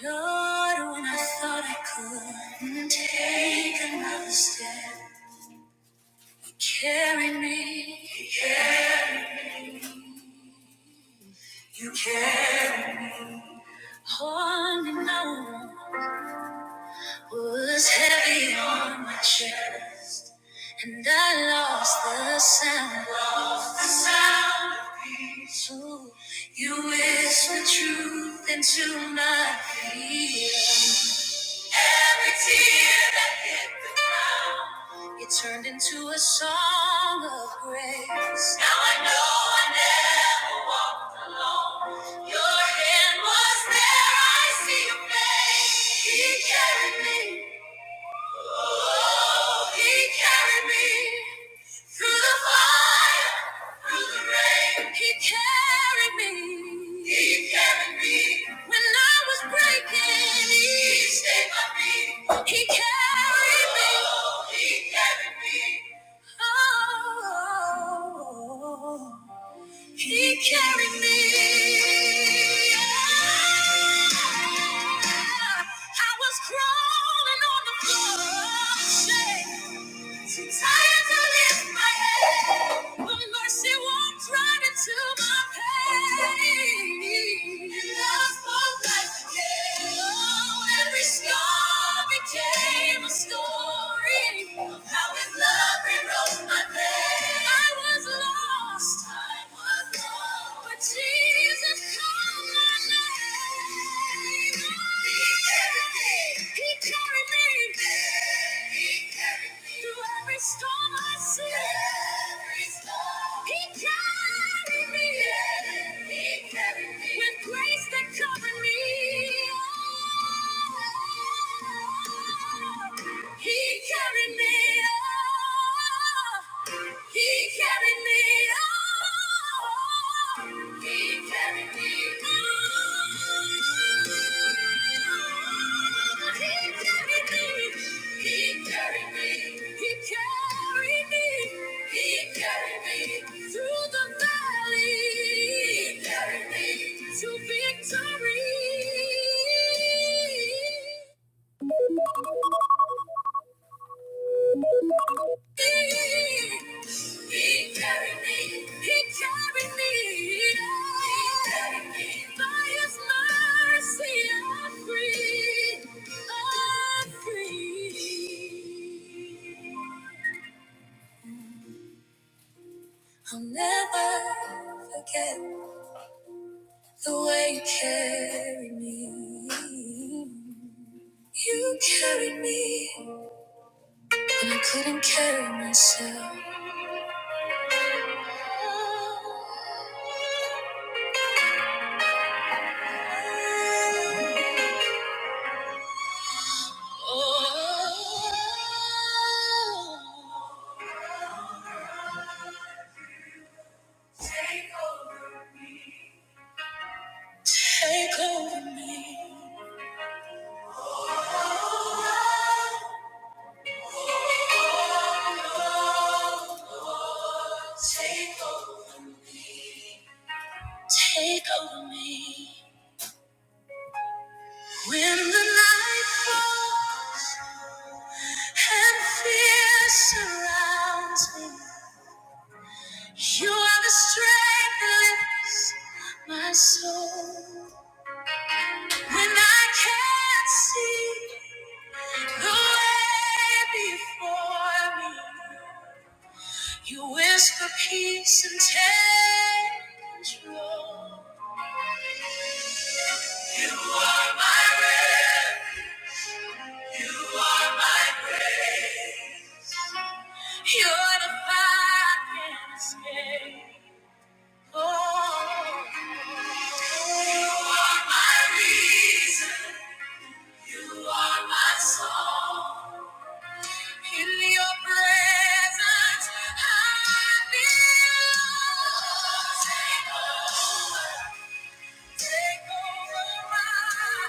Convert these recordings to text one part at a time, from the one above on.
Lord, when I thought I couldn't take another step, you carried me. You carried on and on was heavy on my chest, and I lost the sound. Lost the sound. So you whispered truth into my ear. Every tear that hit the ground, it turned into a song of grace. Now I know I never walked alone. Your hand was there, I see your face. He carried me. Oh, he carried me through the fire, through the rain. He carried me. He carried me. When I was breaking, he he stayed by me. He carried me. Oh, he carried me. Oh. He carried me. I was crawling on the floor, shaking. How his love rewrote my pain. I was lost. I was lost. But Jesus called my name. He carried me. Through every storm He carried me. With grace that covered me. He carried me up. He carried me up. He carried me up. He carried me. He carried me. He carried me. He carried me through the valley. He carried me to victory. He carried me, he carried me, he carried me. By his mercy I'm free, I'm free. I'll never forget the way you carried me. You carried me when I couldn't carry myself. Take over me. Take over me. When the night falls and fear surrounds me, you are the strength that lifts my soul. When I can't see the way before me, you whisper peace and take control. You are my refuge. You are my grace. You're the fire can escape. Oh, you are my reason. You are my song. In your presence, I belong. Take over, take over my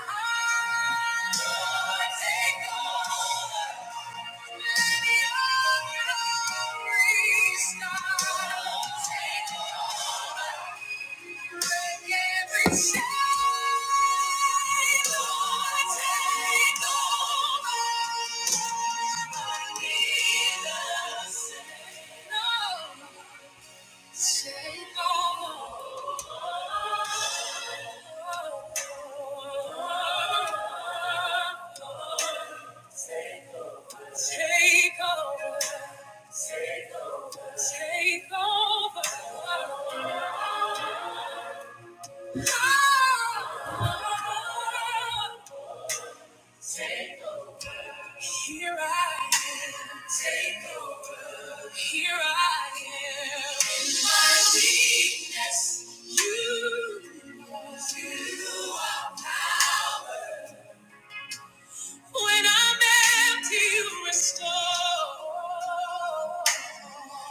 heart. Lord, take over. Take over. Say no more. Take over. Take over. Take over. Take over. Oh, oh, oh. Take over. Here I am. Take over. Here I am. In my weakness, you, you are power. When I'm empty, you restore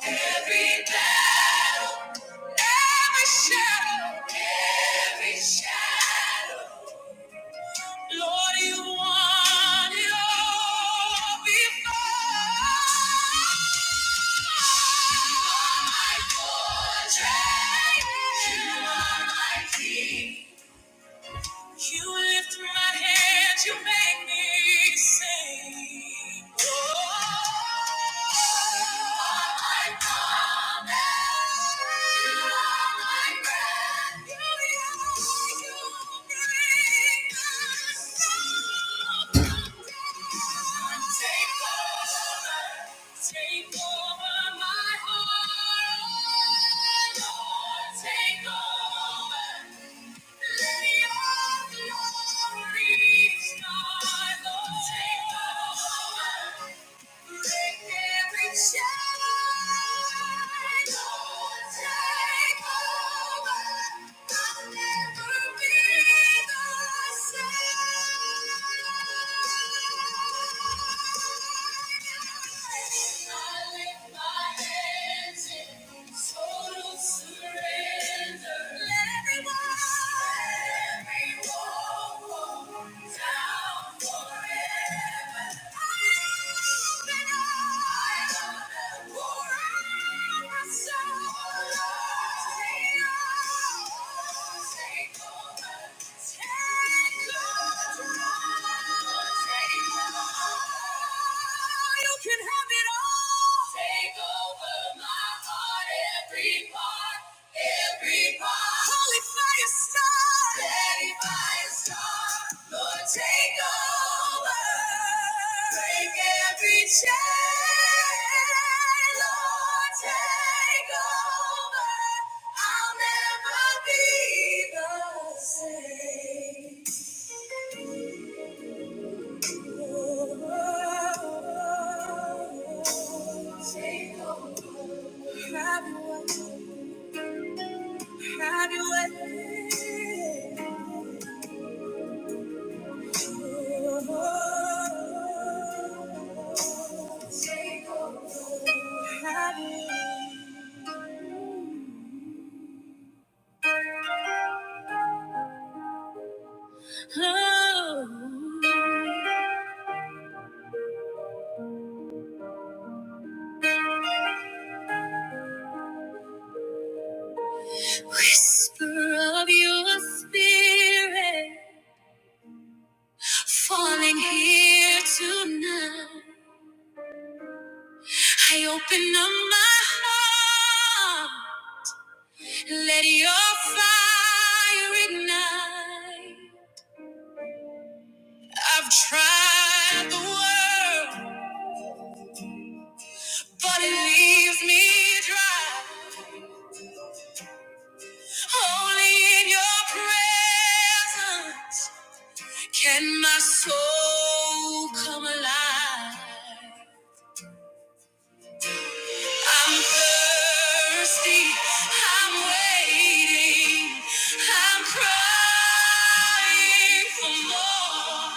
every battle, every shadow, every shadow. Lord, you want it all before. You are my fortress. You are my king. You lift my hands, you make me sing. Take over my heart, Lord, take over. Let your glory, star, Lord, take over. Total surrender. Let everyone. Take over over my heart, every part, every part. Holy fire star, steady fire star, Lord take over, break every chain, Lord take over. I'll never be the same. Whisper of your spirit falling here tonight. I open up my heart. Let your fire ignite. I've tried the world, but it leaves me dry. Only in your presence can my soul come alive. I'm thirsty. I'm waiting. I'm crying for more.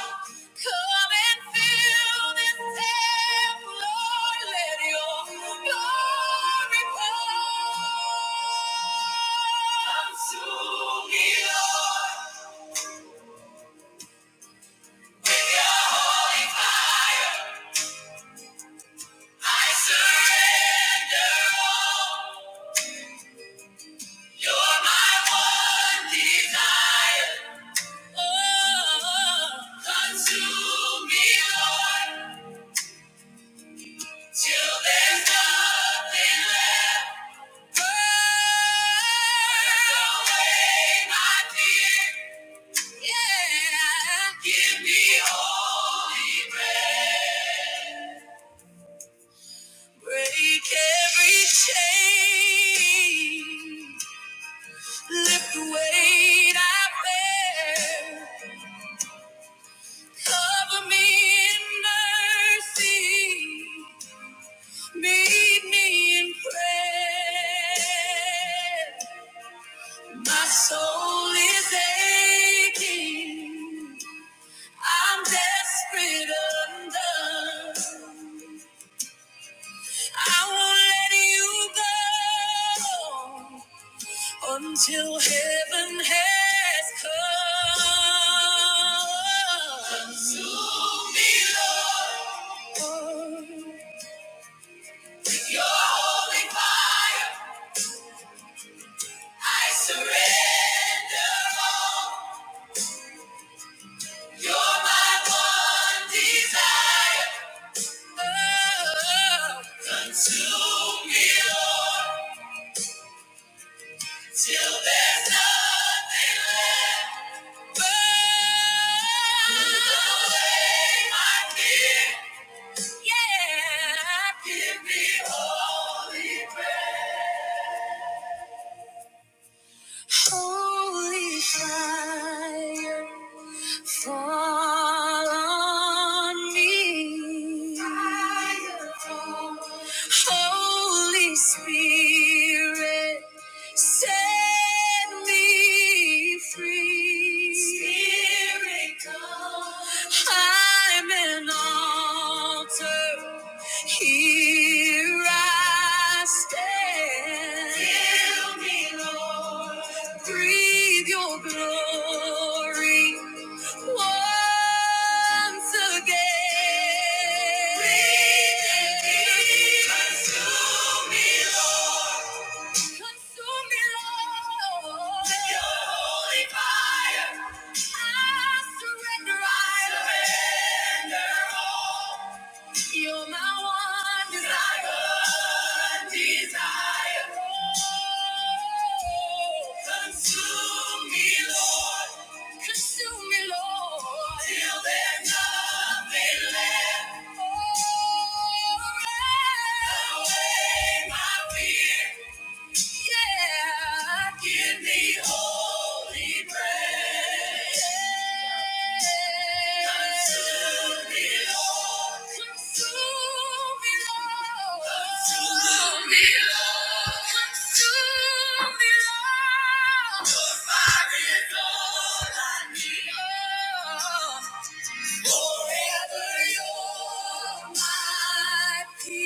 Come and fill this cup, Lord. Let Your glory pour. Consume me, Lord. With your holy fire, I surrender all. You're my one desire. Oh, consume me, Lord, till there's nothing left. Burn away my fear. Yeah. Give me holy breath. Break every chain. Lift the weight I bear. Cover me in mercy. Meet me in prayer. My soul is aching. I'm desperate undone. I won't let you go until heaven has come. Consume me, Lord. Your holy fire, I surrender all. You're my one desire. Oh, consume me, Lord, till there's nothing left. Burn away my fear. Yeah. Give me holy Holy fire, fall on me. Fire, fall. Holy Spirit. Set me free. Spirit, come. I'm an altar. Here I stand. Fill me, Lord. Breathe your glory once again. Breathe and give us to me, Lord. Consume me, Lord. Your holy fire. I surrender. all. You're my one desire. Oh, consume me, Lord. Consume me, Lord. Till there's nothing left. Oh, burn away my fear. Yeah. Give me holy bread. Yeah. Consume me, Lord. Consume me, Lord. Consume me, Lord. Consume me, Lord. Your fire is all I need. Oh. Forever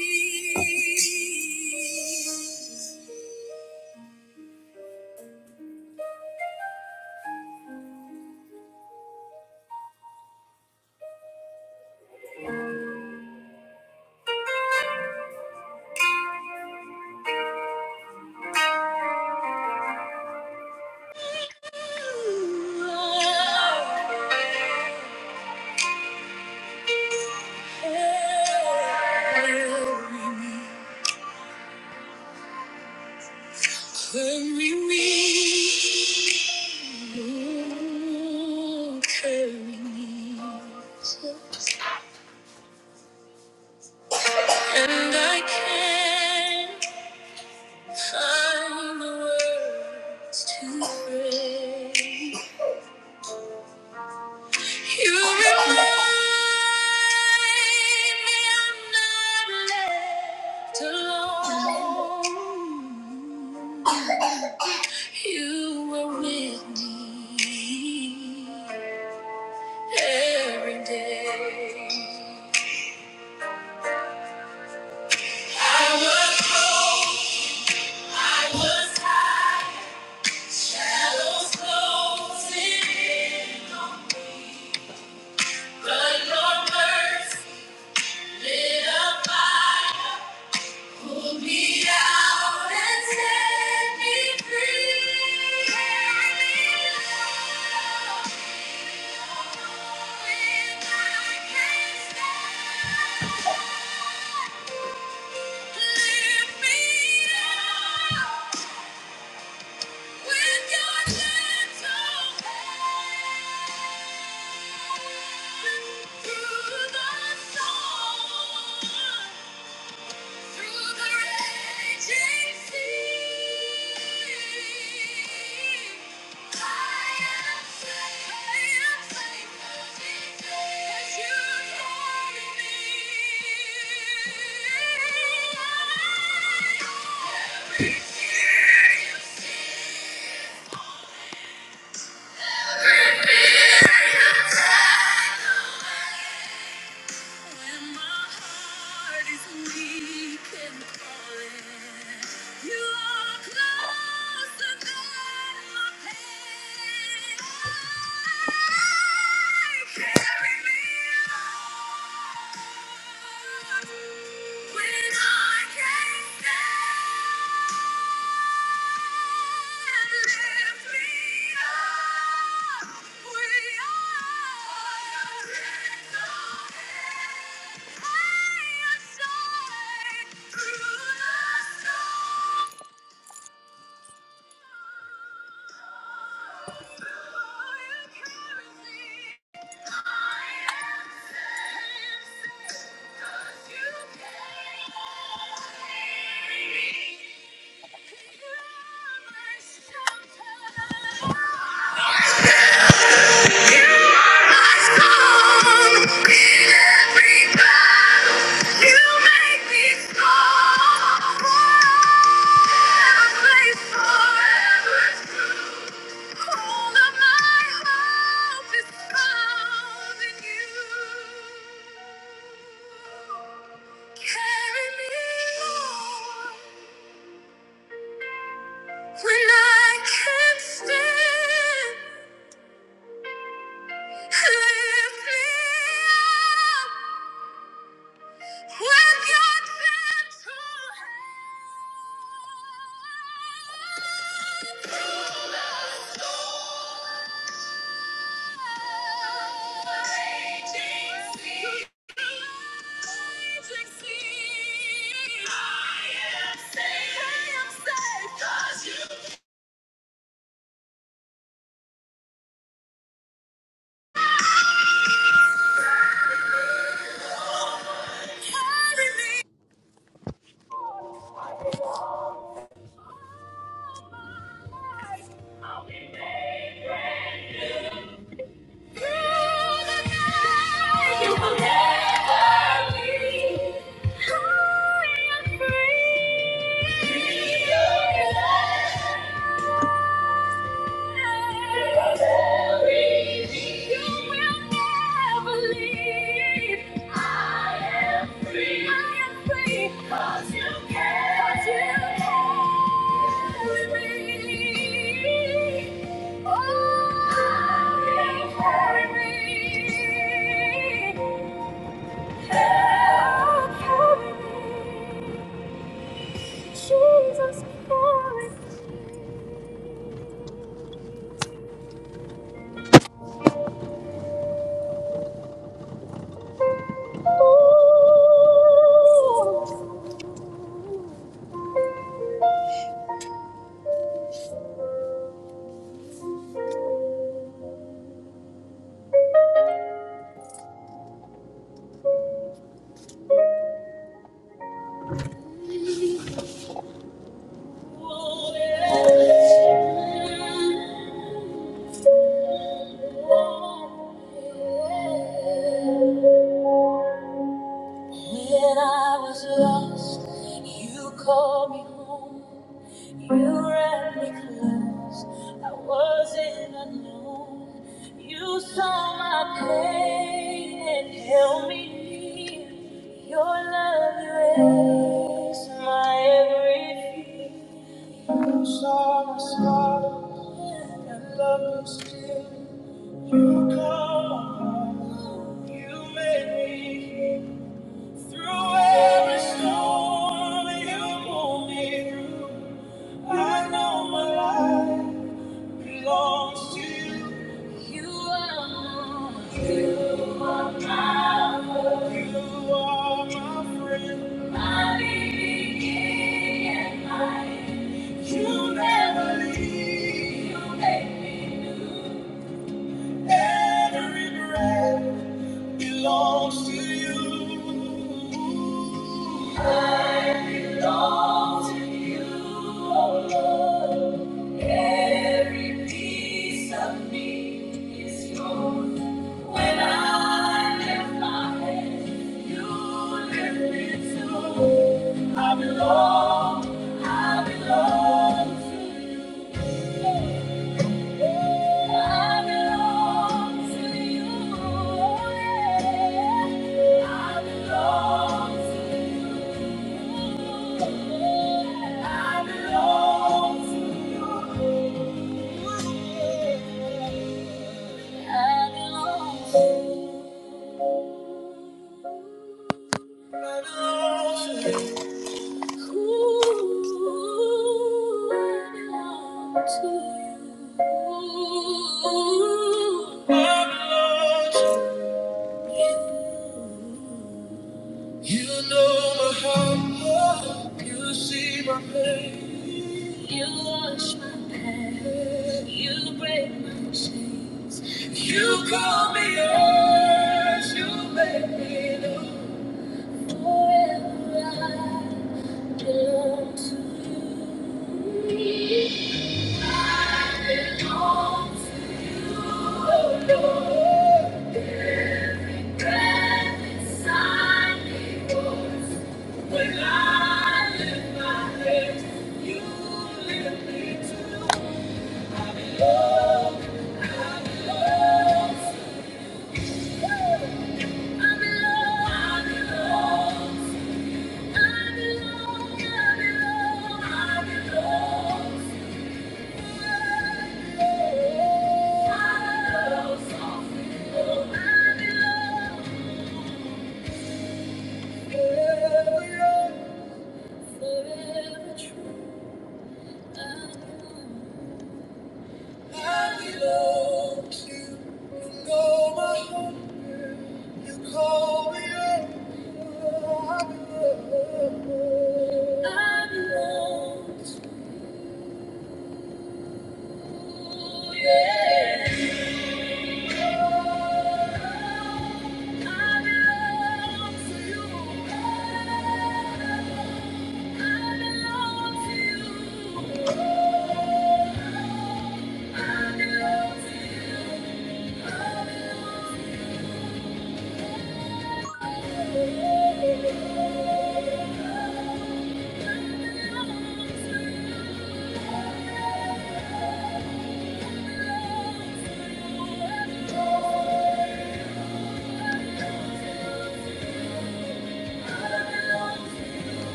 you're my peace. When we meet, carry me. And I can't find the words to pray. You remind me I'm not left alone. You were with me every day. I was cold, I was high, shadows closing in on me. But your mercy lit a fire. Pull me out and set me free. Carry me on if I can't stand. Lift me up with your gentle hand through the storm. Through the raging sea, I am safe. I am safe. 'Cause you carry me. Every tear you see. When my heart is weak and falling, you are closer than my pain. Carry me on when I can't stand. Forever true. All of my hope is found in you. Carry me on when I can't stand. Lift me up with your gentle hand. I am free. Jesus Christ. Ooh. When I was lost, you called me home. You wrapped me close. I wasn't alone. You saw my pain and held me near. Your love erased my every fear saw us fall and loved me still. You come called, you made me through every storm. You pulled me through. I know my life belongs to you. You are mine. You are my friend. You are my friend. My beginning and my end. You never leave. You make me. Every breath belongs to you. I belong to you, oh Lord. Every piece of me is yours. When I lift my head, you lift it too. I belong, I belong to you. I belong to you. You know my heart, you see my pain. You wash my past, you break my chains. You call me yours, you make me know forever. I belong Thank you. I belong Thank you.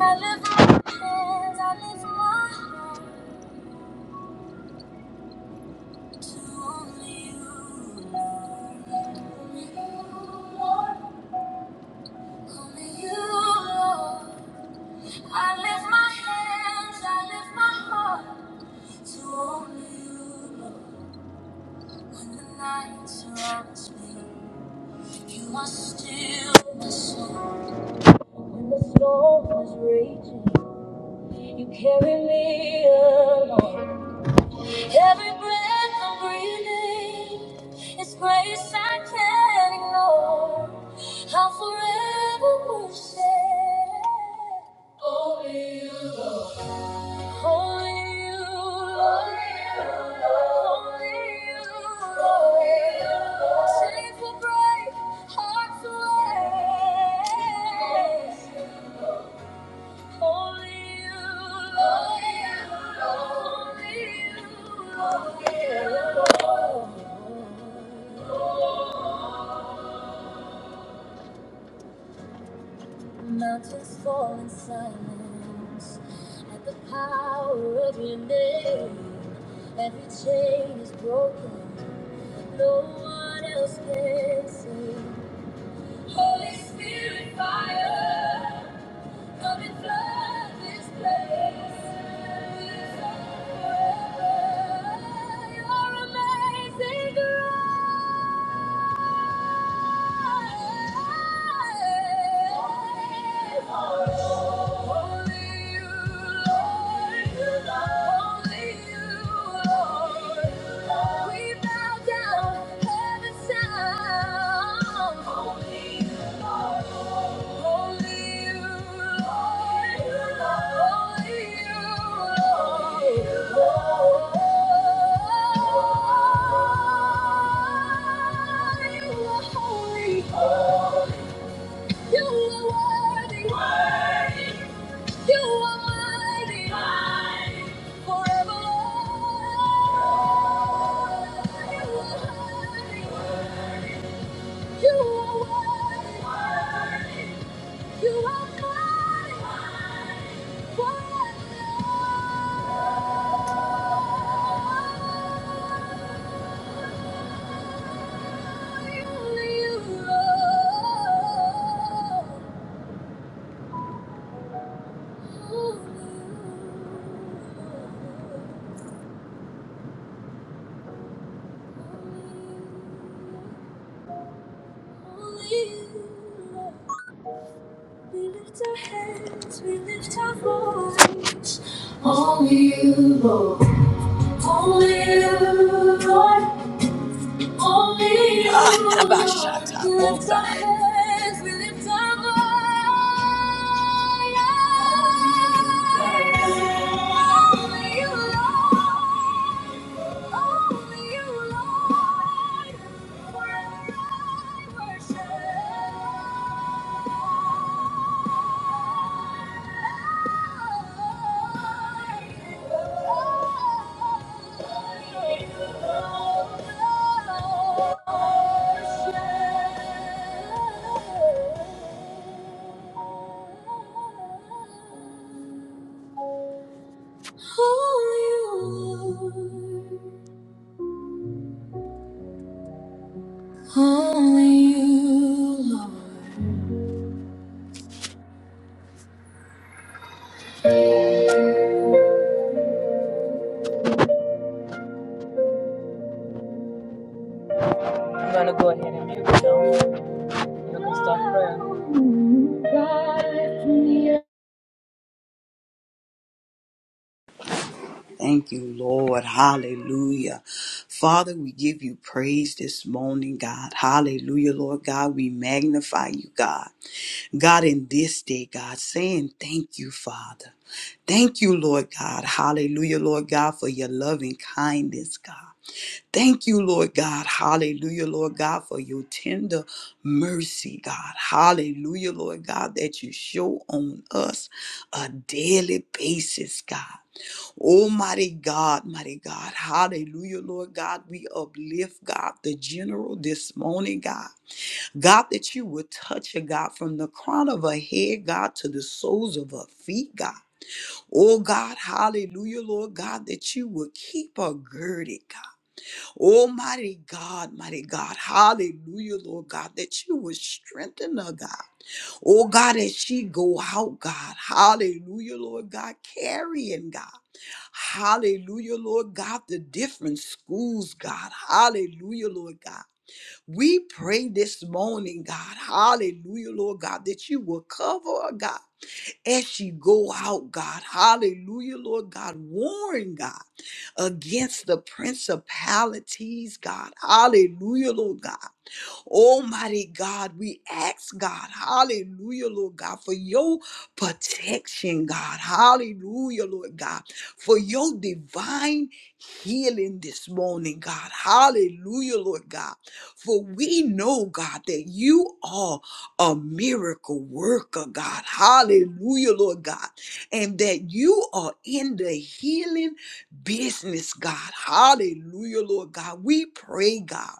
I live my hands, I live my heart. You are still my soul. When the storm is raging, you carry me along. Every breath I'm breathing is grace I can't ignore. I'll forever worship only you, Lord. Only you, Lord. Only you, Lord. Safe for break, heart for only you, only you, only you, only you. Lord. Mountains fall in silence at the power of your name. Every chain is broken. No one else can sing. Holy Spirit, fire. Come and flood this place with your Your amazing grace. Only you, Lord. Only you, Lord. We bow down, heaven's sound. Forever, you are worthy. You are mine. Forever only you are. Only you. Only you. We lift our hands, we lift our voice. Only you, Lord. Only you, Lord. Ah, Abashata, Bozai. We lift our voice. Only I'm gonna go ahead and mute now. You can start praying. Thank you, Lord. Hallelujah. Father, we give you praise this morning, God. Hallelujah, Lord God. We magnify you, God. God, in this day, God, saying thank you, Father. Thank you, Lord God. Hallelujah, Lord God, for your loving kindness, God. Thank you, Lord God. Hallelujah, Lord God, for your tender mercy, God. Hallelujah, Lord God, that you show on us a daily basis, God. Oh, mighty God, mighty God. Hallelujah, Lord God. We uplift, God, the general this morning, God. God, that you would touch her, God, from the crown of her head, God, to the soles of her feet, God. Oh, God, hallelujah, Lord God, that you would keep her girded, God. Almighty God, mighty God, hallelujah, Lord God, that you would strengthen her, God. Oh, God, as she go out, God, hallelujah, Lord God, carrying, God. Hallelujah, Lord God, the different schools, God. Hallelujah, Lord God. We pray this morning, God. Hallelujah, Lord God, that you will cover her, God. As she go out, God, hallelujah, Lord God, warn God against the principalities, God, hallelujah, Lord God. Almighty God, we ask God, hallelujah, Lord God, for your protection, God, hallelujah, Lord God, for your divine healing this morning, God, hallelujah, Lord God, for we know, God, that you are a miracle worker, God, hallelujah, Lord God, and that you are in the healing business, God, hallelujah, Lord God. We pray, God.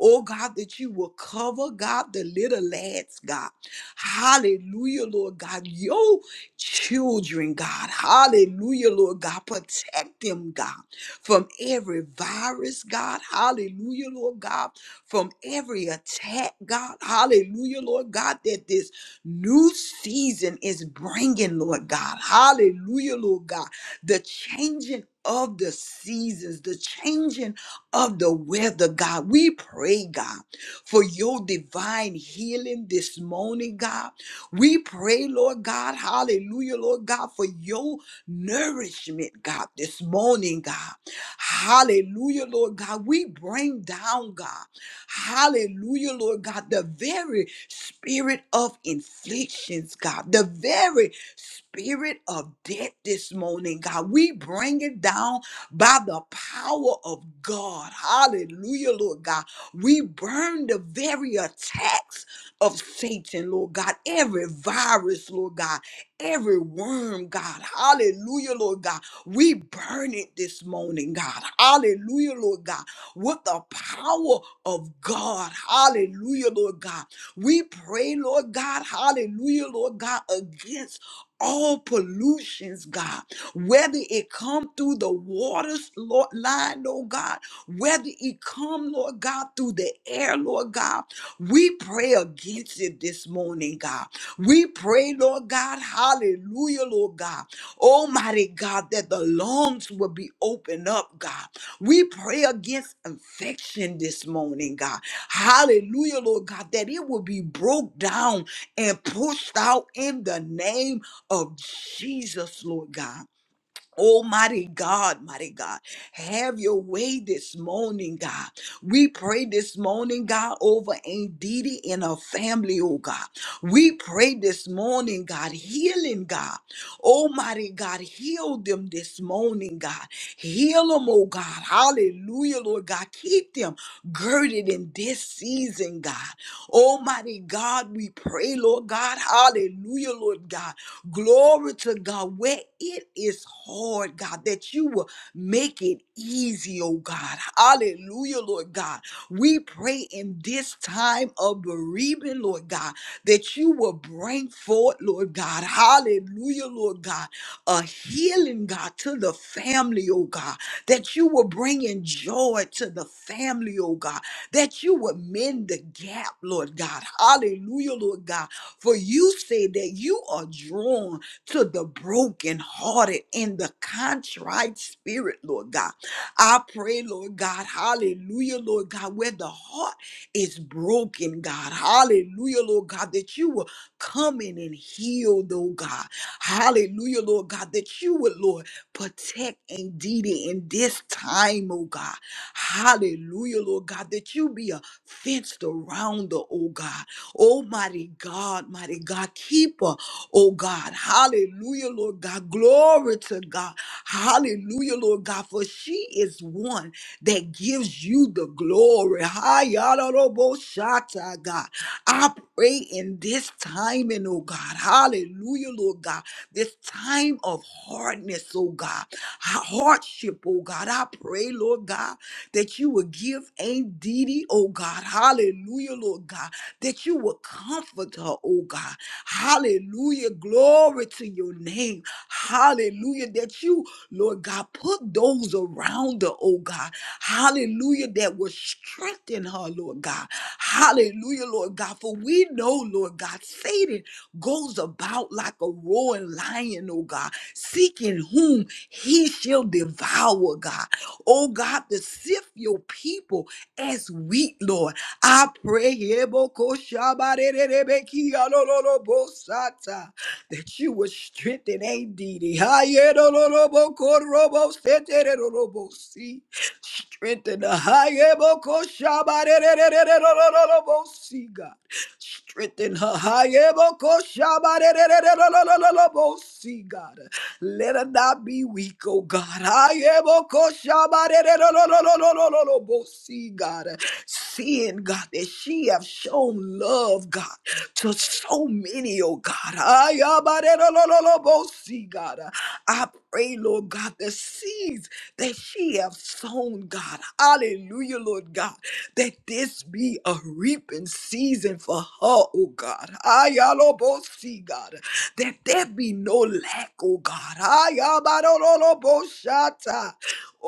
Oh God, that you will cover, God, the little lads, God. Hallelujah, Lord God. Your children, God. Hallelujah, Lord God. Protect them, God, from every virus, God. Hallelujah, Lord God. From every attack, God. Hallelujah, Lord God, that this new season is bringing, Lord God. Hallelujah, Lord God. The changing of the seasons, the changing of the weather, God. We pray, God, for your divine healing this morning, God. We pray, Lord God, hallelujah, Lord God, for your nourishment, God, this morning, God. Hallelujah, Lord God. We bring down, God, hallelujah, Lord God, the very spirit of inflictions, God, the very spirit of death this morning, God. We bring it down by the power of God. Hallelujah, Lord God. We burn the very attacks of Satan, Lord God. Every virus, Lord God. Every worm, God. Hallelujah, Lord God. We burn it this morning, God. Hallelujah, Lord God. With the power of God. Hallelujah, Lord God. We pray, Lord God. Hallelujah, Lord God, against all pollutions, God whether it come through the waters, Lord line, Lord God, whether it come, Lord God, through the air, Lord God, we pray against it this morning, God. We pray, Lord God, hallelujah, Lord God. Almighty God, that the lungs will be opened up, God. We pray against infection this morning, God. Hallelujah, Lord God, that it will be broke down and pushed out in the name of Jesus, Lord God. Almighty God, mighty God, have your way this morning, God. We pray this morning, God, over Indeedy and her family, oh God. We pray this morning, God, healing, God. Almighty God, heal them this morning, God. Heal them, oh God. Hallelujah, Lord God. Keep them girded in this season, God. Almighty God, we pray, Lord God. Hallelujah, Lord God Glory to God, where it is hard, God, that you will make it easy, oh God. Hallelujah, Lord God. We pray in this time of bereavement, Lord God, that you will bring forth, Lord God. Hallelujah, Lord God, a healing, God, to the family, oh God, that you will bring in joy to the family, oh God, that you will mend the gap, Lord God. Hallelujah, Lord God for you say that you are drawn to the brokenhearted and the contrite spirit, Lord God. I pray, Lord God, hallelujah, Lord God, where the heart is broken, God, hallelujah, Lord God, that you will come in and heal, though, God, hallelujah, Lord God, that you would, Lord, protect indeed in this time, oh God, hallelujah, Lord God, that you be a fenced around, oh God, Oh, mighty God, mighty God, keeper, oh God. Hallelujah, Lord God. Glory to God. Hallelujah, Lord God, for she is one that gives you the glory. Hi, Shata, God. I pray in this time, and oh God, hallelujah, Lord God, this time of hardness, oh God, ha- hardship, oh God. I pray, Lord God that you will give Aunt Didi, oh God, hallelujah, Lord God, that you will comfort her, oh God, hallelujah, glory to your name, hallelujah, that you, Lord God, put those around her, oh God, hallelujah hallelujah, that will strengthen her, Lord God. Hallelujah, Lord God. For we know, Lord God, Satan goes about like a roaring lion, oh God, seeking whom he shall devour, God. Oh God, to sift your people as wheat, Lord. I pray Yebokoshabarererebekialololobosata, that you will strengthen ADD. Hayerololobokorobosheterololobosi. Strengthen the Hayeboko Shabarebo see God. Strengthen her Hayeboko Shabarebo see God. Let her not be weak, oh God. Hayeboko Shabarebo see God. Seeing God that she have shown love, God, to so many, oh God. Hayabarebo see God. I pray, Lord Lord God, the seeds that she have sown, God. Hallelujah, Lord God, that this be a reaping season for her, oh God. Ayalobosi, God, that there be no lack, oh God. Ayabarololoboshata.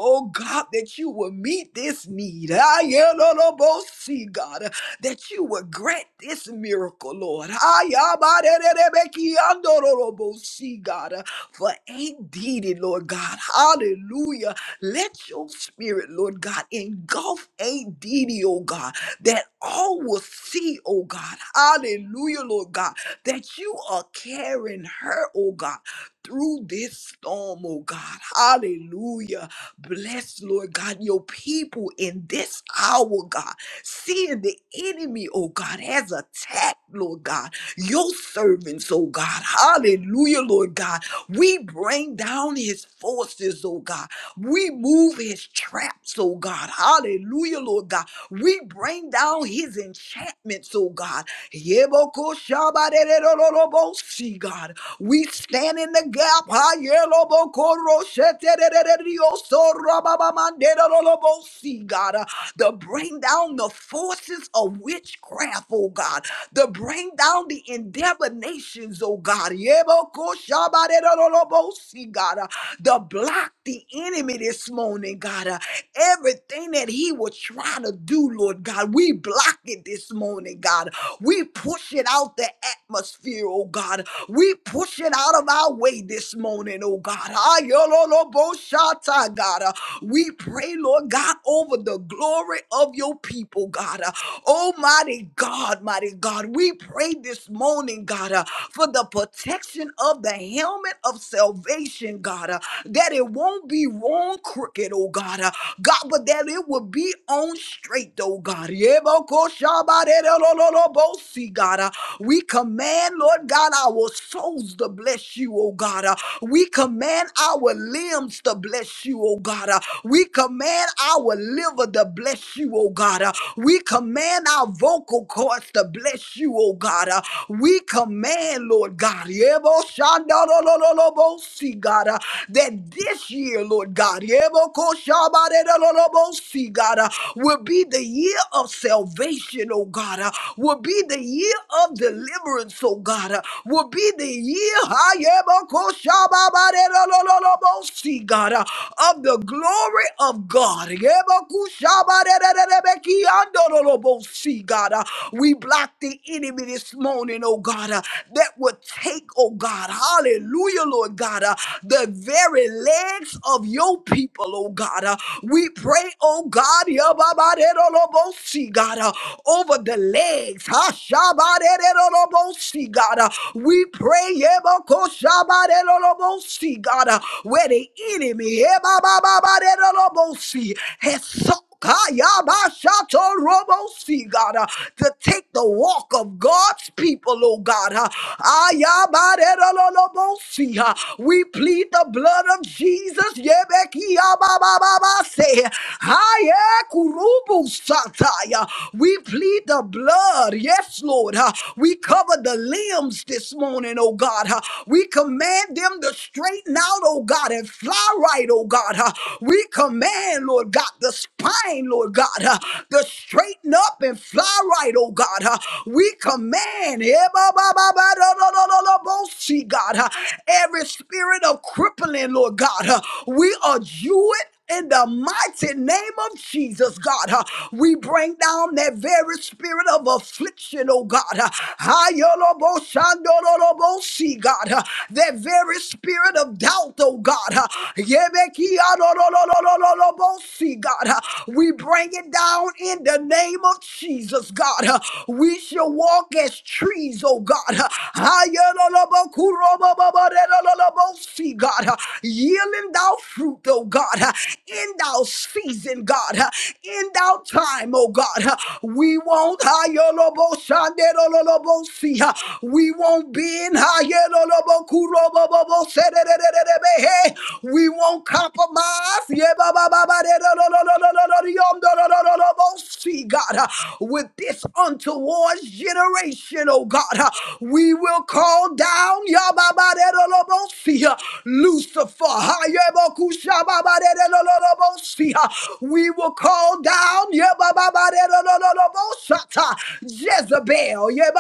Oh God, that you will meet this need. Ayalolobosi, God, that you will grant this miracle, Lord. Ayabarerebekiandorolobosi, God, for indeed, it, Lord God, hallelujah. Let your spirit, Lord God, engulf indeed, it, oh God, that all will see, oh God, hallelujah, Lord God, that you are carrying her, oh God, through this storm, oh God, hallelujah. Bless, Lord God, your people in this hour, God, seeing the enemy, oh God, has attacked, Lord God, your servants, oh God, hallelujah, Lord God we bring down his forces, oh God. We move his traps, oh God. Hallelujah, Lord God. We bring down his enchantments, oh God. Yebokoshabarererorobosi, God. We stand in the gap. ha, yelobokorosheterereriosorababamanderarobosi, God. uh, To bring down the forces of witchcraft, oh God to bring down the endeavor nations, oh God. Yebokoshabarerorobosi, God, uh, to block the enemy this morning, God. uh, Everything that he will try to do, Lord God, we block it this morning, God. We push it out the atmosphere, oh God. We push it out of our way this morning, oh God. Ayololoboshata, God. Uh, We pray, Lord God, over the glory of your people, God. Uh, Almighty God, mighty God, we pray this morning, God, uh, for the protection of the helmet of salvation, God, uh, that it won't be be wrong crooked, oh God. Uh, God, but that it will be on straight, oh God. Yebokoshabarerololobosi, God. Uh, We command, Lord God, our souls to bless you, oh God. Uh, We command our limbs to bless you, oh God. Uh, We command our liver to bless you, oh God. Uh, We command our vocal cords to bless you, oh God. Uh, We command, Lord God. Yeboshandolololobosi, see, God, uh, that this year, Lord God, see, God, uh, will be the year of salvation, oh God, uh, will be the year of deliverance, oh God, uh, will be the year, see, God, uh, of the glory of God. See, God, uh, we block the enemy this morning, oh God, uh, that would take, oh God. God. Hallelujah, Lord God. Uh, the very legs of your people, oh God. Uh, we pray, oh God, yababaderolobosi, God, uh, over the legs. Hashabaderolobosi, God. Uh, we pray, yebakoshabaderolobosi, God, uh, where the enemy yabababaderolobosi, has sought Kayabashato Robosi, God, uh, to take the walk of God's people, oh God. uh, Ayabarerololobosi, uh, We plead the blood of Jesus. Yebekiyababababase, Hayekurubusataya. We plead the blood. Yes, Lord. uh, We cover the limbs this morning, oh God. uh, We command them to straighten out, oh God, and fly right, oh God. uh, We command, Lord. Lord God, the spine, Lord God, uh, to straighten up and fly right, oh God. uh, we command, eh, ba, ba, ba, ba, do, do, do, do, do, bo, see, God, uh, every spirit of crippling, Lord God, uh, we adjure it in the mighty name of Jesus, God, uh, we bring down that very spirit of affliction, oh God. Uh, Ayoloboshandololobosi, God, uh, that very spirit of doubt, oh God. Uh, Yebeki See, God, uh, we bring it down in the name of Jesus, God. uh, We shall walk as trees, oh God. uh, See, God, uh, yielding thou fruit, oh God, uh, in thou season, God, uh, in thou time, oh God. uh, We won't, see, uh, we won't bend, uh, we won't compromise. Yeah, God, uh, with this untoward generation, oh God, uh, we will call down yeah, ba, uh, Lucifer. yeah, uh, We will call down yeah, Jezebel. Yeah,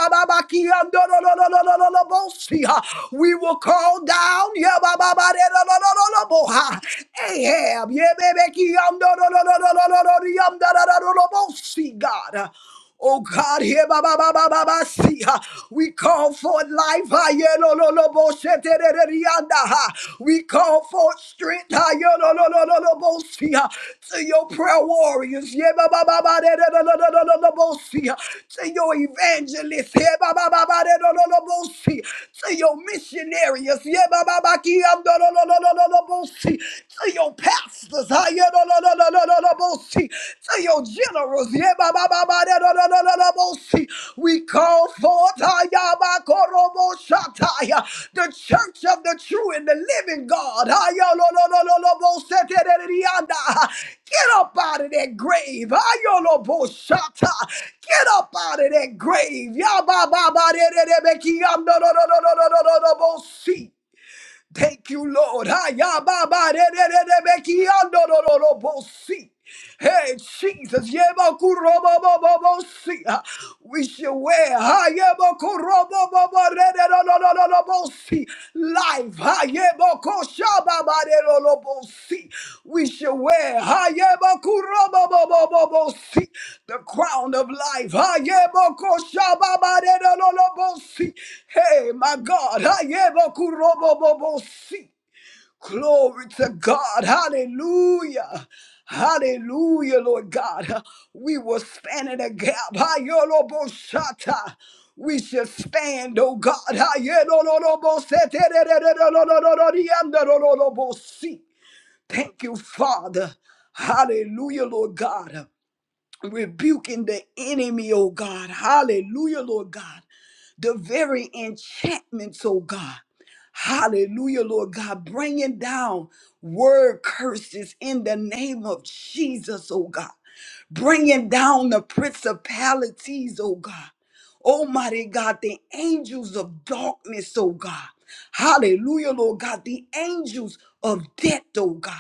um, uh, We will call down. Yeah, Ahab, see God. Oh God, here, ba ba ba ba ba ba, see, ha. we call for life, ha, yeah, lo lo lo, bo, se, te, re, re, re, anda, ha. we call for strength, ha, yeah, lo lo lo lo lo, bo, see, ha. to your prayer warriors, yeah, ba ba ba ba, de, de, lo lo lo lo lo, lo, bo, see, ha. to your evangelists, yeah, ba ba ba ba, de, lo lo lo, bo, see, to your missionaries, yeah, ba ba ba, Yandorororororobosi. To your pastors, ah, yandorororororobosi. to your generals, yebabababarororororobosi. we call forth ah, yabakoroboshataya, the church of the true and the living God. ah, yandororororobosetererianda. Get up out of that grave. ah, yandoroboshata. Get up out of that grave. Yabababarererebekiandorororororobosi. Thank you, Lord. Ayababarererebekiandorororobosi. Hey, Jesus. Yebakurobobobobosi. Ah, We shall wear Ayabakuroboboborererobosi. life. We shall wear the crown of life. Hey, my God. Glory to God! Hallelujah! Hallelujah, Lord God! We will stand in the gap. We shall stand, O God! Thank you, Father! Hallelujah, Lord God! rebuking the enemy, oh God. Hallelujah, Lord God. The very enchantments, oh God. Hallelujah, Lord God. Bringing down word curses in the name of Jesus, oh God. Bringing down the principalities, oh God. Almighty God, the angels of darkness, oh God. Hallelujah, Lord God. The angels of death, oh God.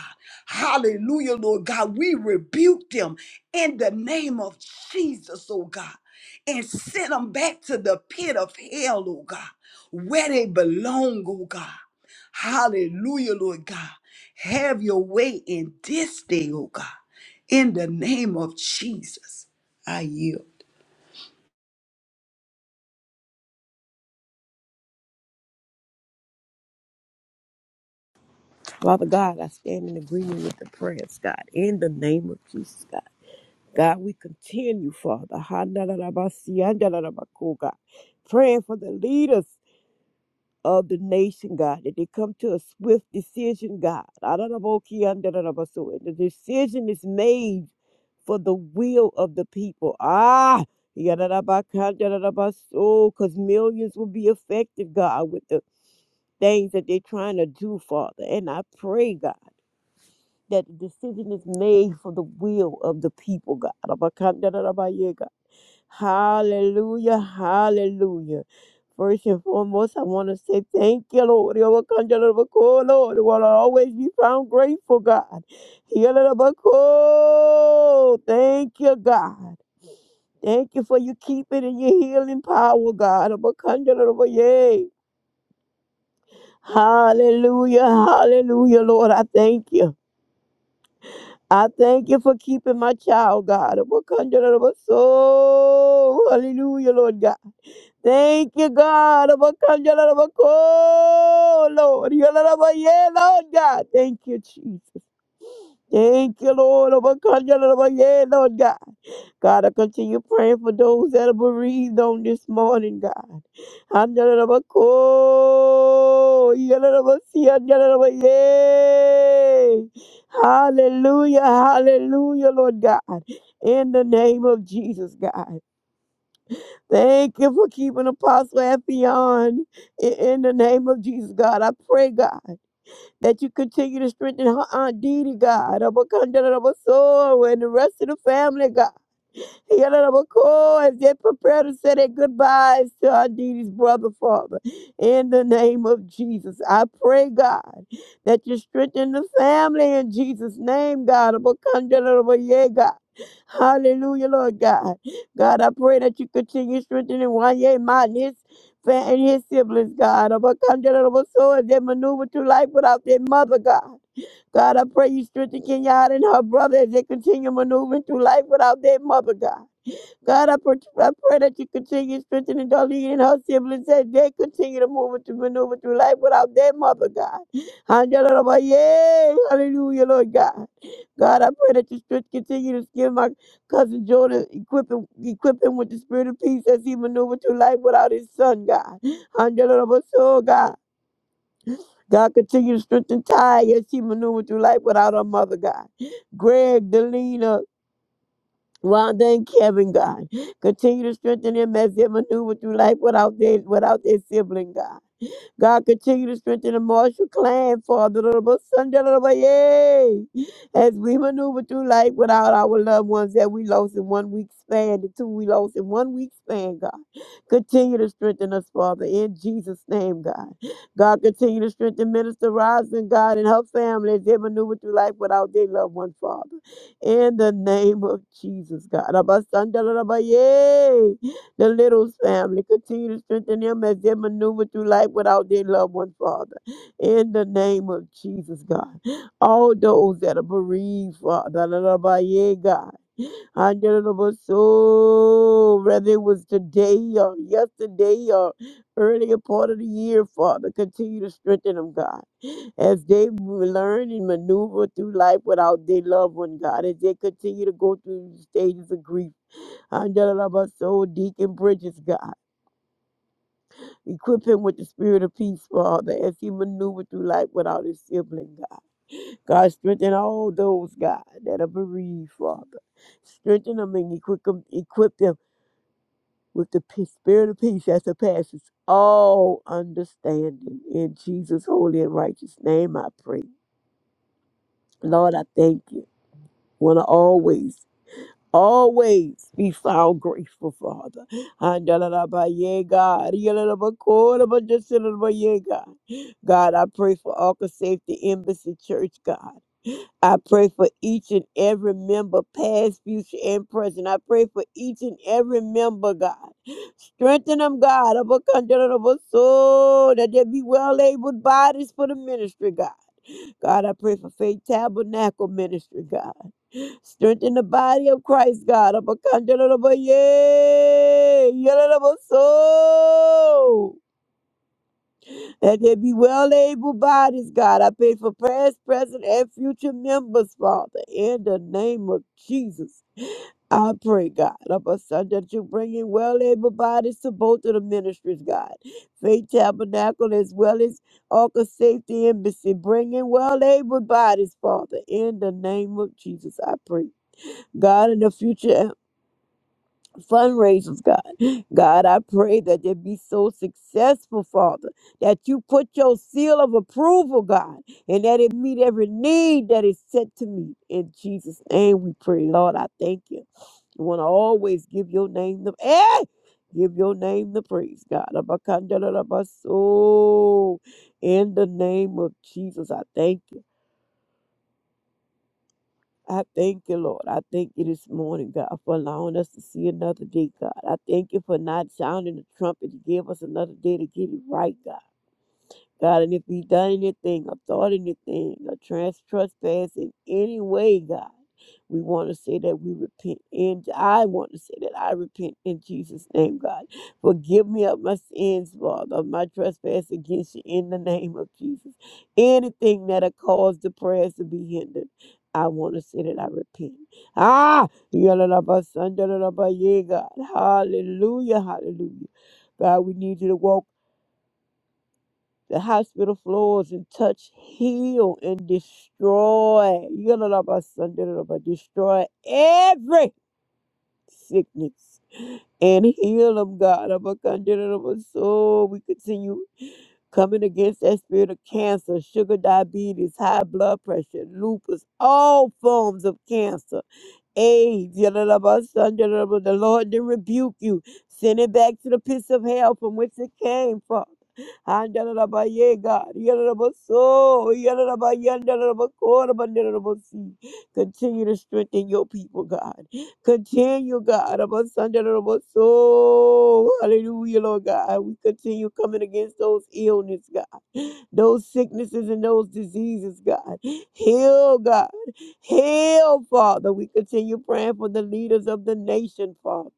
Hallelujah, Lord God. We rebuke them in the name of Jesus, oh God, and send them back to the pit of hell, oh God, where they belong, oh God. Hallelujah, Lord God. Have your way in this day, oh God, in the name of Jesus. I yield. Father God, I stand in agreement with the prayers, God, in the name of Jesus, God. God, we continue, Father, Hanarabasi, Andarabako, God, praying for the leaders of the nation, God, that they come to a swift decision, God. Araraboki, Andarabaso, And the decision is made for the will of the people. Ah, Yararabaka, Andarabaso, because millions will be affected, God, with the things that they're trying to do, Father. And I pray, God that the decision is made for the will of the people, God. Abakandarabaye, God. Hallelujah, hallelujah. First and foremost, I want to say thank you, Lord. Abakandarabakoh, Lord, will always be found grateful, God. Yalarabakoh. Thank you, God. Thank you for your keeping and your healing power, God. Abakandarabaye. Hallelujah, hallelujah, Lord. I thank you. I thank you for keeping my child, God. Abakandalabaso. Hallelujah, Lord God. Thank you, God. Abakandalabako, Lord. Yalalabaye, Lord God. Thank you, Jesus. Thank you, Lord. Abakandalabaye, Lord God. God, I continue praying for those that are bereaved on this morning, God. Andalabako, yalalabasi, andalaba- Yay! Hallelujah, hallelujah, Lord God. In the name of Jesus, God. Thank you for keeping Apostle Effie on. I- In the name of Jesus, God. I pray, God, that you continue to strengthen her Aunt Didi, God. Abakandarabasor, And the rest of the family, God. Yalabako, As they prepare to say their goodbyes to Aditi's brother, Father, in the name of Jesus, I pray, God, that you strengthen the family in Jesus' name, God. Abakandalabaye, God. Hallelujah, Lord God. God, I pray that you continue strengthening Wanye Mott and his, fa- and his siblings, God. Abakandalabaso, As they maneuver through life without their mother, God. God, I pray you strengthen Kenyatta and her brother as they continue maneuvering through life without their mother, God. God, I pray, I pray that you continue strengthening Darlene and her siblings as they continue to move and to maneuver through life without their mother, God. Yay, hallelujah, Lord God. God, I pray that you strength continue to give my cousin Jordan, equip him, equip him with the spirit of peace as he maneuvers through life without his son, God. Hallelujah! So, God. God continue to strengthen Ty as she maneuvers through life without her mother, God. Greg, Delina, well, thank Kevin, God. Continue to strengthen them as they maneuver through life without their without their sibling, God. God, continue to strengthen the Marshall clan, Father, Lord, Sunday, Lord, yay. as we maneuver through life without our loved ones that we lost in one week span, the two we lost in one week span, God. Continue to strengthen us, Father, in Jesus' name, God. God, continue to strengthen Minister Rosin, God, and her family as they maneuver through life without their loved one, Father. In the name of Jesus, God. Abba, Sunday, Lord, yay. The Littles family continue to strengthen them as they maneuver through life without their loved one, Father. In the name of Jesus, God. All those that are bereaved, Father. la, la, ba, yeah, God. Under the bus- oh, Whether it was today or yesterday or earlier part of the year, Father, continue to strengthen them, God. As they learn and maneuver through life without their loved one, God. As they continue to go through the stages of grief. So, Deacon Bridges, God. Equip him with the spirit of peace, Father, as he maneuvered through life without his sibling, God. God, strengthen all those, God, that are bereaved, Father. Strengthen them and equip them, equip them with the pe- spirit of peace that surpasses all understanding. In Jesus' holy and righteous name, I pray. Lord, I thank you. Want to always always be found grateful, Father. Andalalabaye, God. Yalalabakolabajasilalabaye, God, God, I pray for Arca Safety Embassy Church, God. I pray for each and every member, past, future, and present. I pray for each and every member, God. Strengthen them, God, of a condition of a soul, that they be well able bodies for the ministry, God. God, I pray for Faith Tabernacle Ministry, God. Strengthen the body of Christ, God. Abakandalabaye, yalalabaso. That there be well able bodies, God. I pray for past, present, and future members, Father, in the name of Jesus. I pray, God, of us, son, that you bring in well able bodies to both of the ministries, God. Faith Tabernacle as well as Arca Safety Embassy. Bring in well able bodies, Father, in the name of Jesus, I pray. God, in the future fundraisers, God. God, I pray that they be so successful, Father, that you put your seal of approval, God, and that it meet every need that is set to meet. In Jesus' name we pray, Lord, I thank you. You want to always give your name the eh! give your name the praise, God. Abakandarabaso. In the name of Jesus, I thank you. I thank you, Lord. I thank you this morning, God, for allowing us to see another day, God. I thank you for not sounding the trumpet to give us another day to get it right, God. God, and if we done anything or thought anything or trans- trespass in any way, God, we want to say that we repent. And I want to say that I repent in Jesus' name, God. Forgive me of my sins, Father, of my trespass against you in the name of Jesus. Anything that have caused the prayers to be hindered. I want to say that I repent. Ah, yalalaba, sandalaba, yeah, God. Hallelujah, hallelujah. God, we need you to walk the hospital floors and touch, heal, and destroy. Yalalabasandalaba, Destroy every sickness and heal them, God. Abakandalaba, So we continue coming against that spirit of cancer, sugar, diabetes, high blood pressure, lupus, all forms of cancer AIDS. The Lord did rebuke you. Send it back to the pits of hell from which it came from. And Yeah, God. Yadadabaso. Yadadabayandadadabakorabandadadabasi. Continue to strengthen your people, God. Continue, God. Abasandadabaso. Hallelujah, Lord God. We continue coming against those illness, God. Those sicknesses and those diseases, God. Heal, God. Heal, Father. We continue praying for the leaders of the nation, Father.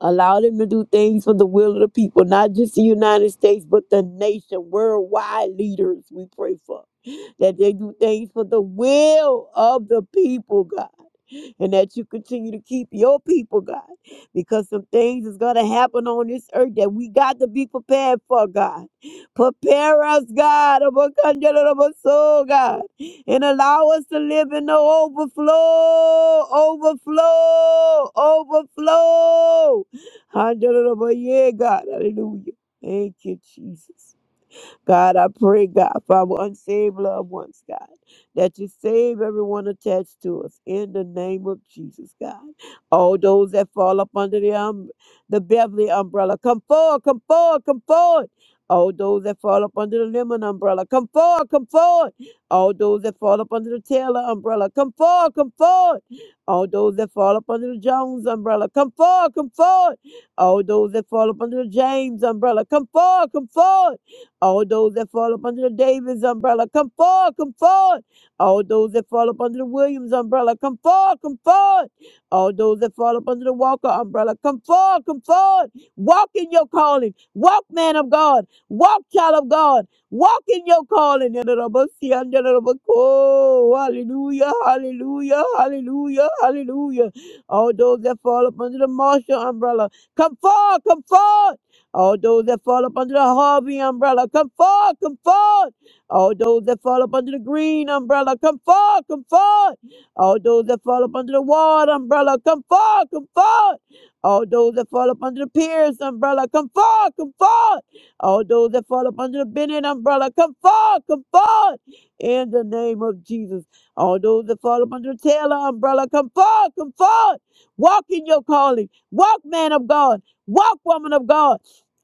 Allow them to do things for the will of the people, not just the United States, but the nation, worldwide leaders we pray for. That they do things for the will of the people, God. And that you continue to keep your people, God. Because some things is going to happen on this earth that we got to be prepared for, God. Prepare us, God, of a candle of a soul, God, and allow us to live in the overflow, overflow, overflow. Hallelujah, God. Hallelujah. Thank you, Jesus. God, I pray, God, for our unsaved loved ones, God, that you save everyone attached to us in the name of Jesus, God. All those that fall up under the, um, the Beverly umbrella, come forward, come forward, come forward. All those that fall up under the Lemon umbrella, come forward, come forward. All those that fall up under the Taylor umbrella, come forward, come forward. All those that fall up under the Jones umbrella, come forward, come forward. All those that fall up under the James umbrella, come forward, come forward. All those that fall up under the Davis umbrella, come forward, come forward. All those that fall up under the Williams umbrella, come forward, come forward. All those that fall up under the Walker umbrella, come forward, come forward. Walk in your calling. Walk, man of God. Walk, child of God. Walk in your calling. Hallelujah, hallelujah, hallelujah, hallelujah. All those that fall up under the Marshall umbrella, come forward, come forward. All those that fall up under the Harvey umbrella, come forth, come forth. All those that fall up under the green umbrella, come forth, come forth. All those that fall up under the Ward umbrella, come forth, come forth. All those that fall up under the Pierce umbrella, come forth, come forth. All those that fall up under the Bennett umbrella, come forth, come forth. In the name of Jesus. All those that fall up under the Taylor umbrella, come forth, come forth. Walk in your calling. Walk, man of God. Walk, woman of God.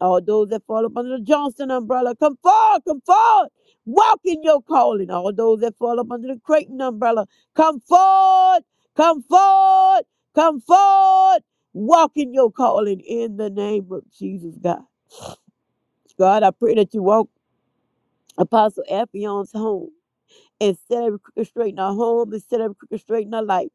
All those that fall up under the Johnston umbrella, come forward, come forward. Walk in your calling. All those that fall up under the Creighton umbrella, come forward, come forward, come forward. Walk in your calling in the name of Jesus, God. God, I pray that you walk Apostle Aphion's home and set every crooked straight in our home and set every crooked straight in our life.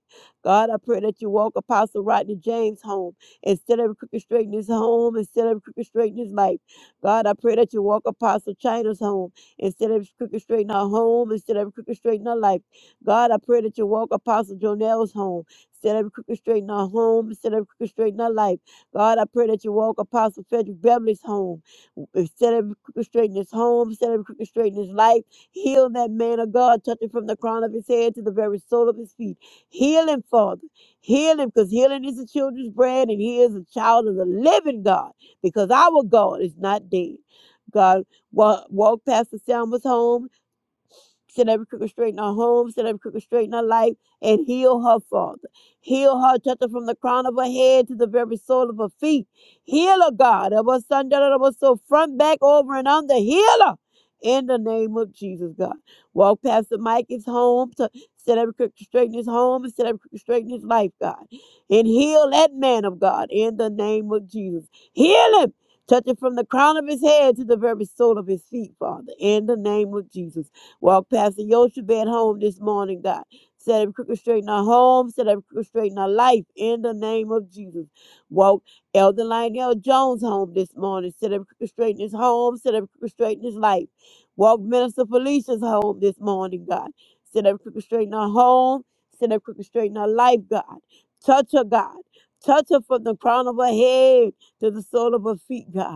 God, I pray that you walk Apostle Rodney James home and set every crooked straight in his home and set every crooked straight in his life. God, I pray that you walk Apostle China's home and set every crooked straight in our home and set every crooked straight in our life. God, I pray that you walk Apostle Jonell's home. Set every crooked straight in our home, and set every crooked straight in our life. God, I pray that you walk Apostle Frederick Beverly's home, w- set every crooked straight in his home, set every crooked straight in his life. Heal that man of God, touching from the crown of his head to the very sole of his feet. Heal him, Father. Heal him, because healing is the children's bread, and he is a child of the living God, because our God is not dead. God wa- walked Pastor Selma's home Set every crooked straight in her home, set every crooked straight in her life, and heal her, Father. Heal her, touch her from the crown of her head to the very sole of her feet. Heal her, God. Of her son, da- da- da- so front, back, over, and under. Heal her. In the name of Jesus, God. Walk past the mic, his home, to set every crooked straight in his home, and set every crooked straight in his life, God. And heal that man of God in the name of Jesus. Heal him. Touch him from the crown of his head to the very sole of his feet, Father, in the name of Jesus. Walk past the Yoshebed home this morning, God. Set every crooked straight in our home. Set every crooked straight in our life. In the name of Jesus. Walk Elder Lionel Jones home this morning. Set every crooked straight in his home. Set every crooked straight in his life. Walk Minister Felicia's home this morning, God. Set every crooked straight in our home. Set every crooked straight in our life, God. Touch her, God. Touch her from the crown of her head to the sole of her feet, God.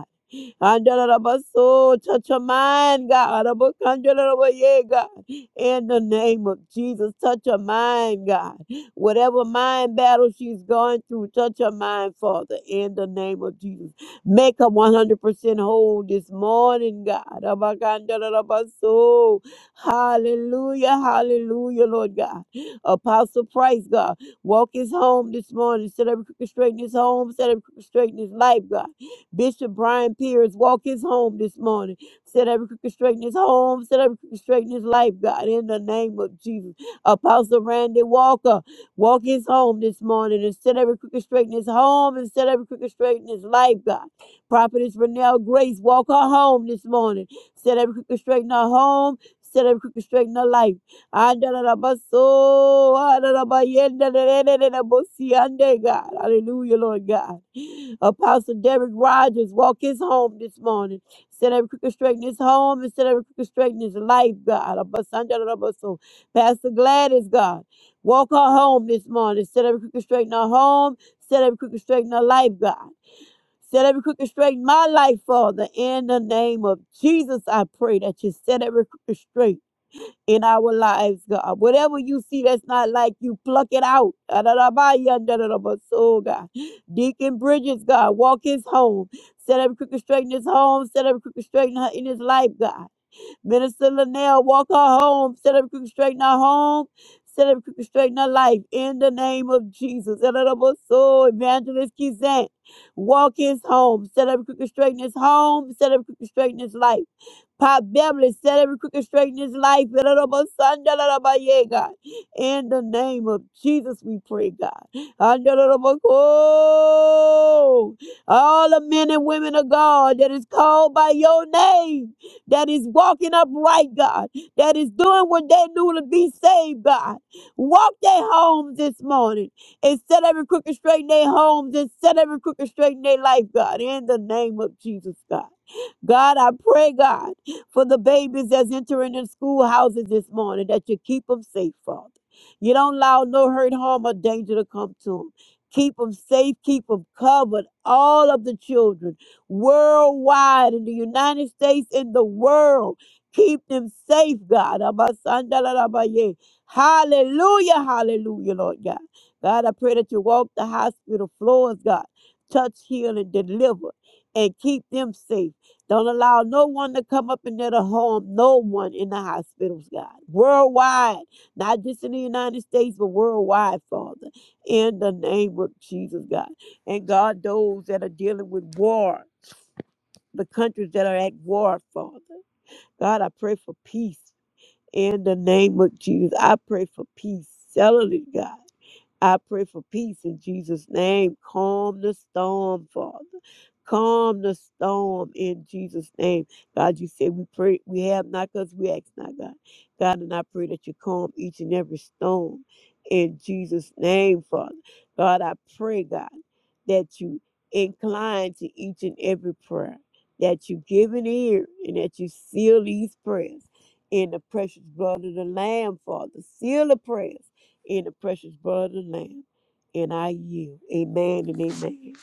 Andalabaso, Touch her mind, God. Abakandalabaye, God. In the name of Jesus, touch her mind, God. Whatever mind battle she's going through, touch her mind, Father. In the name of Jesus. Make her 100% whole this morning, God. Abakandalabaso. Hallelujah, hallelujah, Lord God. Apostle Price, God. Walk his home this morning. Set every crooked straight in his home. Set every crooked straight in his life, God. Bishop Brian Pierce walk his home this morning. Set every crooked straight in his home. Set every crooked straight in his life, God, in the name of Jesus. Apostle Randy Walker walk his home this morning and set every crooked straight in his home and set every crooked straight in his life, God. Prophetess Renelle Grace walk her home this morning. Set every crooked straight in her home. Set every crooked straight in her life. Andalabaso, andalabayendalelelelelebosi, ande, God. Hallelujah, Lord God. Apostle Derek Rogers walk his home this morning. Set every crooked straight in his home and set every crooked straight in his life, God. Abasandarabaso. Pastor Gladys, God. Walk her home this morning. Set every crooked straight in her home. Set every crooked straight in her life, God. Set every crooked straight in my life, Father. In the name of Jesus, I pray that you set every crooked straight in our lives, God. Whatever you see that's not like you, pluck it out. So, God. Deacon Bridges, God, walk his home. Set every crooked straight in his home. Set every crooked straight in, her, in his life, God. Minister Linnell, walk her home. Set every crooked straight in her home. Set every crooked straight in her life. In the name of Jesus. So, Evangelist Kizant, walk his home. Set every crooked straight in his home. Set every crooked straight in his life. Pop Beverly set every crooked straight in his life. In the name of Jesus, we pray, God. All the men and women of God that is called by your name, that is walking upright, God, that is doing what they knew to be saved, God. Walk their homes this morning and set every crooked straight in their homes and set every crooked straight in their life, God. In the name of Jesus, God. God, I pray, God for the babies that's entering the schoolhouses this morning, that you keep them safe, Father. You don't allow no hurt, harm, or danger to come to them. Keep them safe, keep them covered, all of the children worldwide in the United States, in the world. Keep them safe, God. Abasandalarabaye. Hallelujah, hallelujah, Lord God. God, I pray that you walk the hospital floors, God. Touch, heal, and deliver, and keep them safe. Don't allow no one to come up in there to harm no one in the hospitals, God. Worldwide, not just in the United States, but worldwide, Father. In the name of Jesus, God. And God, those that are dealing with war, the countries that are at war, Father. God, I pray for peace. In the name of Jesus, I pray for peace. Celebrate, God. I pray for peace in Jesus' name. Calm the storm, Father. Calm the storm in Jesus' name. God, you say we pray, we have not because we ask not, God. God, and I pray that you calm each and every storm in Jesus' name, Father. God, I pray, God, that you incline to each and every prayer, that you give an ear, and that you seal these prayers in the precious blood of the Lamb, Father. Seal the prayers in the precious blood of the Lamb. And I yield. Amen and amen.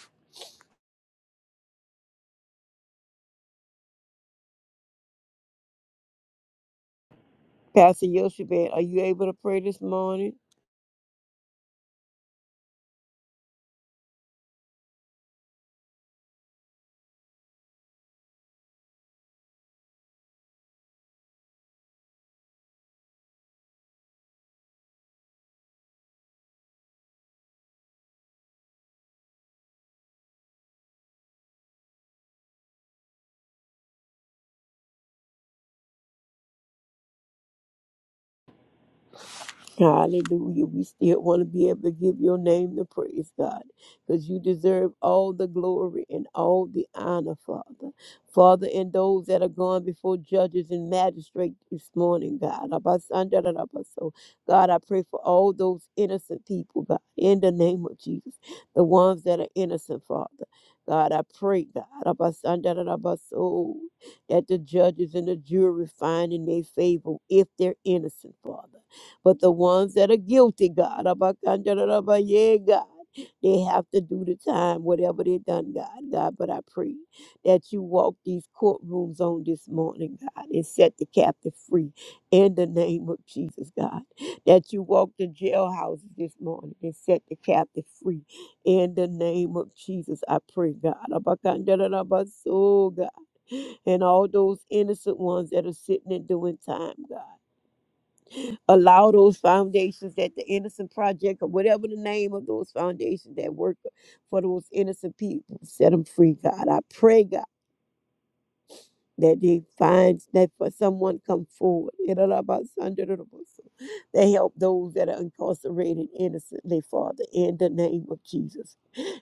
Pastor Yoshebed, are you able to pray this morning? Hallelujah. We still want to be able to give your name the praise, God, because you deserve all the glory and all the honor, Father. Father, and those that are gone before judges and magistrates this morning, God. Abasandarabaso. God, I pray for all those innocent people, God, in the name of Jesus, the ones that are innocent, Father. God, I pray, God, Abasandarabaso, that the judges and the jury find in their favor if they're innocent, Father. But the ones that are guilty, God, abakandarabaye, God, they have to do the time, whatever they done, God. God, but I pray that you walk these courtrooms on this morning, God, and set the captive free in the name of Jesus, God. That you walk the jailhouses this morning and set the captive free in the name of Jesus. I pray, God. Abakandarabaso, God. And all those innocent ones that are sitting and doing time, God allow those foundations that the Innocent Project or whatever the name of those foundations that work for those innocent people, set them free, God. I pray, God that he finds that for someone come forward they help those that are incarcerated innocently father in the name of jesus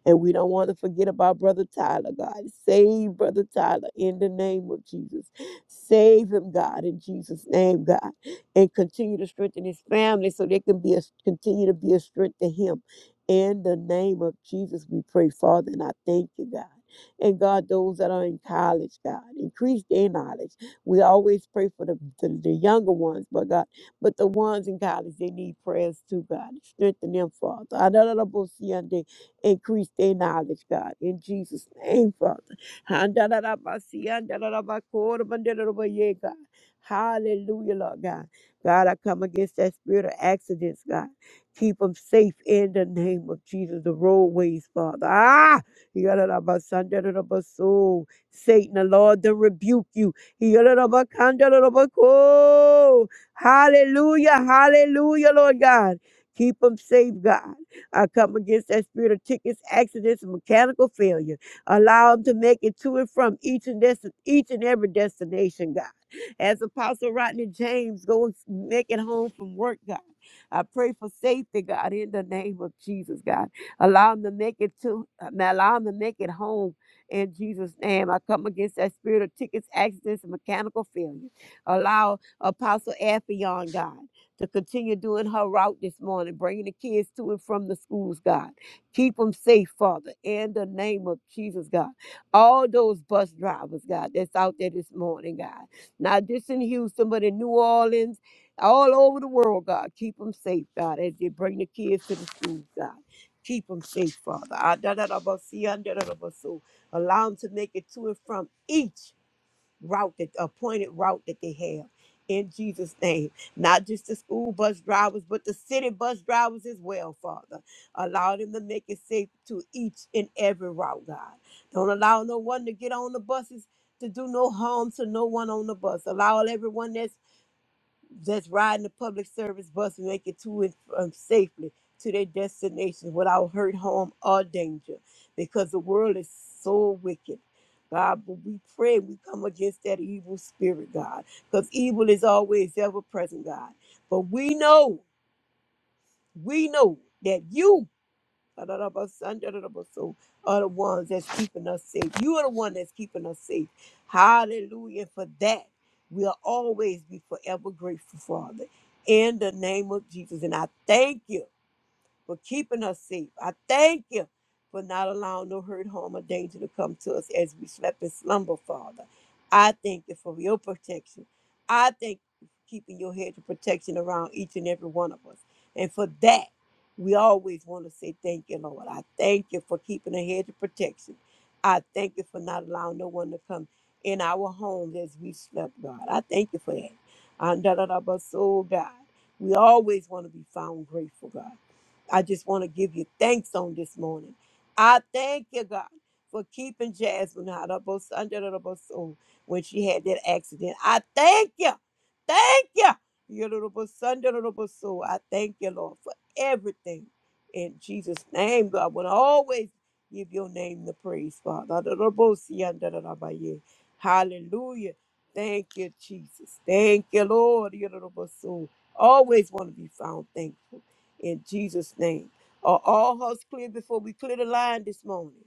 and we don't want to forget about brother tyler god save brother tyler in the name of jesus save him god in jesus name god and continue to strengthen his family so they can be a continue to be a strength to him in the name of jesus we pray father and i thank you god and God, those that are in college, God, increase their knowledge. We always pray for the, the, the younger ones, but God, but the ones in college, they need prayers too, God. Strengthen them, Father. Adadadabosiyande, Increase their knowledge, God. In Jesus' name, Father. Handadadabasiyandadadabakodabandedadobaye, God. Hallelujah, Lord God. God, I come against that spirit of accidents, God. Keep them safe in the name of Jesus. The roadways, Father. Ah! Yadadabasandadodabaso. Satan, the Lord, to rebuke you. Yadadabakandadadabako. Hallelujah, hallelujah, Lord God. Keep them safe, God. I come against that spirit of tickets, accidents, and mechanical failure. Allow them to make it to and from each and, desti- each and every destination, God. As Apostle Rodney James goes, make it home from work, God. I pray for safety, God, in the name of Jesus, God. Allow them to make it to allow them to make it home in Jesus' name. I come against that spirit of tickets, accidents, and mechanical failure. Allow Apostle Affion, God, to continue doing her route this morning, bringing the kids to and from the schools, God. Keep them safe, Father, in the name of Jesus, God. All those bus drivers, God, that's out there this morning, God. Not just in Houston, but in New Orleans, all over the world, God. Keep them safe, God, as they bring the kids to the schools, God. Keep them safe, Father. Ah, da, da, da, ba, see, ah, da, da, da, ba, so. Allow them to make it to and from each route, that appointed route that they have. In Jesus' name, not just the school bus drivers, but the city bus drivers as well, Father. Allow them to make it safe to each and every route, God. Don't allow no one to get on the buses to do no harm to no one on the bus. Allow everyone that's that's riding the public service bus and make it to and from safely to their destinations without hurt, harm, or danger, because the world is so wicked. God, but we pray we come against that evil spirit, God, because evil is always ever present, God. But we know, we know that you Adarabasandarabasou, Are the ones that's keeping us safe. You are the one that's keeping us safe. Hallelujah. For that, we'll always be forever grateful, Father. In the name of Jesus. And I thank you for keeping us safe. I thank you for not allowing no hurt, harm, or danger to come to us as we slept in slumber, Father. I thank you for your protection. I thank you for keeping your hedge of protection around each and every one of us. And for that, we always want to say thank you, Lord. I thank you for keeping a hedge of protection. I thank you for not allowing no one to come in our homes as we slept, God. I thank you for that. And da da da, but so God, we always want to be found grateful, God. I just want to give you thanks on this morning. I thank you, God, for keeping Jasmine out of us under the bus soon when she had that accident. I thank you. Thank you. Your little bus under the bus soon. I thank you, Lord, for everything. In Jesus' name, God, I want to always give your name the praise, Father. Under the bus, yeah, under the rubber, yeah. Hallelujah. Thank you, Jesus. Thank you, Lord. Your little bus soon. Always want to be found thankful in Jesus' name. Are all hearts clear before we clear the line this morning?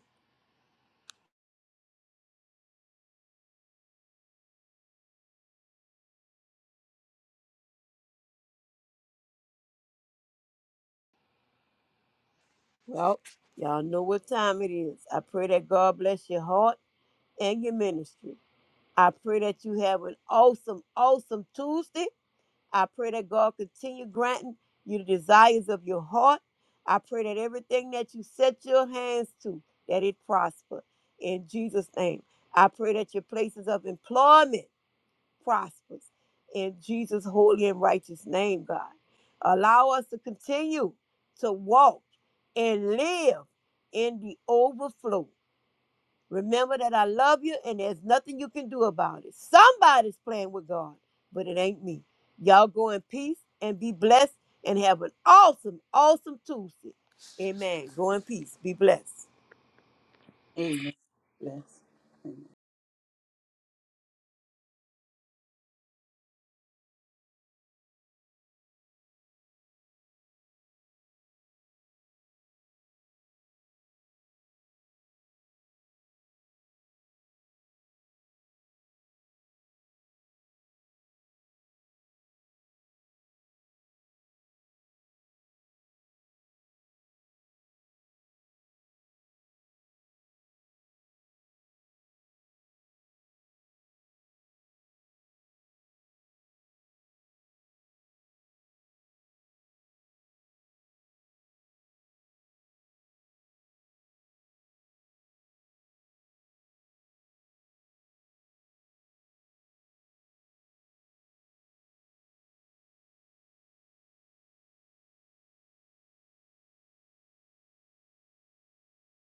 Well, y'all know what time it is. I pray that God bless your heart and your ministry. I pray that you have an awesome, awesome Tuesday. I pray that God continue granting you the desires of your heart. I pray that everything that you set your hands to, that it prosper in Jesus' name. I pray that your places of employment prospers in Jesus' holy and righteous name, God. Allow us to continue to walk and live in the overflow. Remember that I love you and there's nothing you can do about it. Somebody's playing with God, but it ain't me. Y'all go in peace and be blessed and have an awesome, awesome Tuesday. Amen. Go in peace. Be blessed.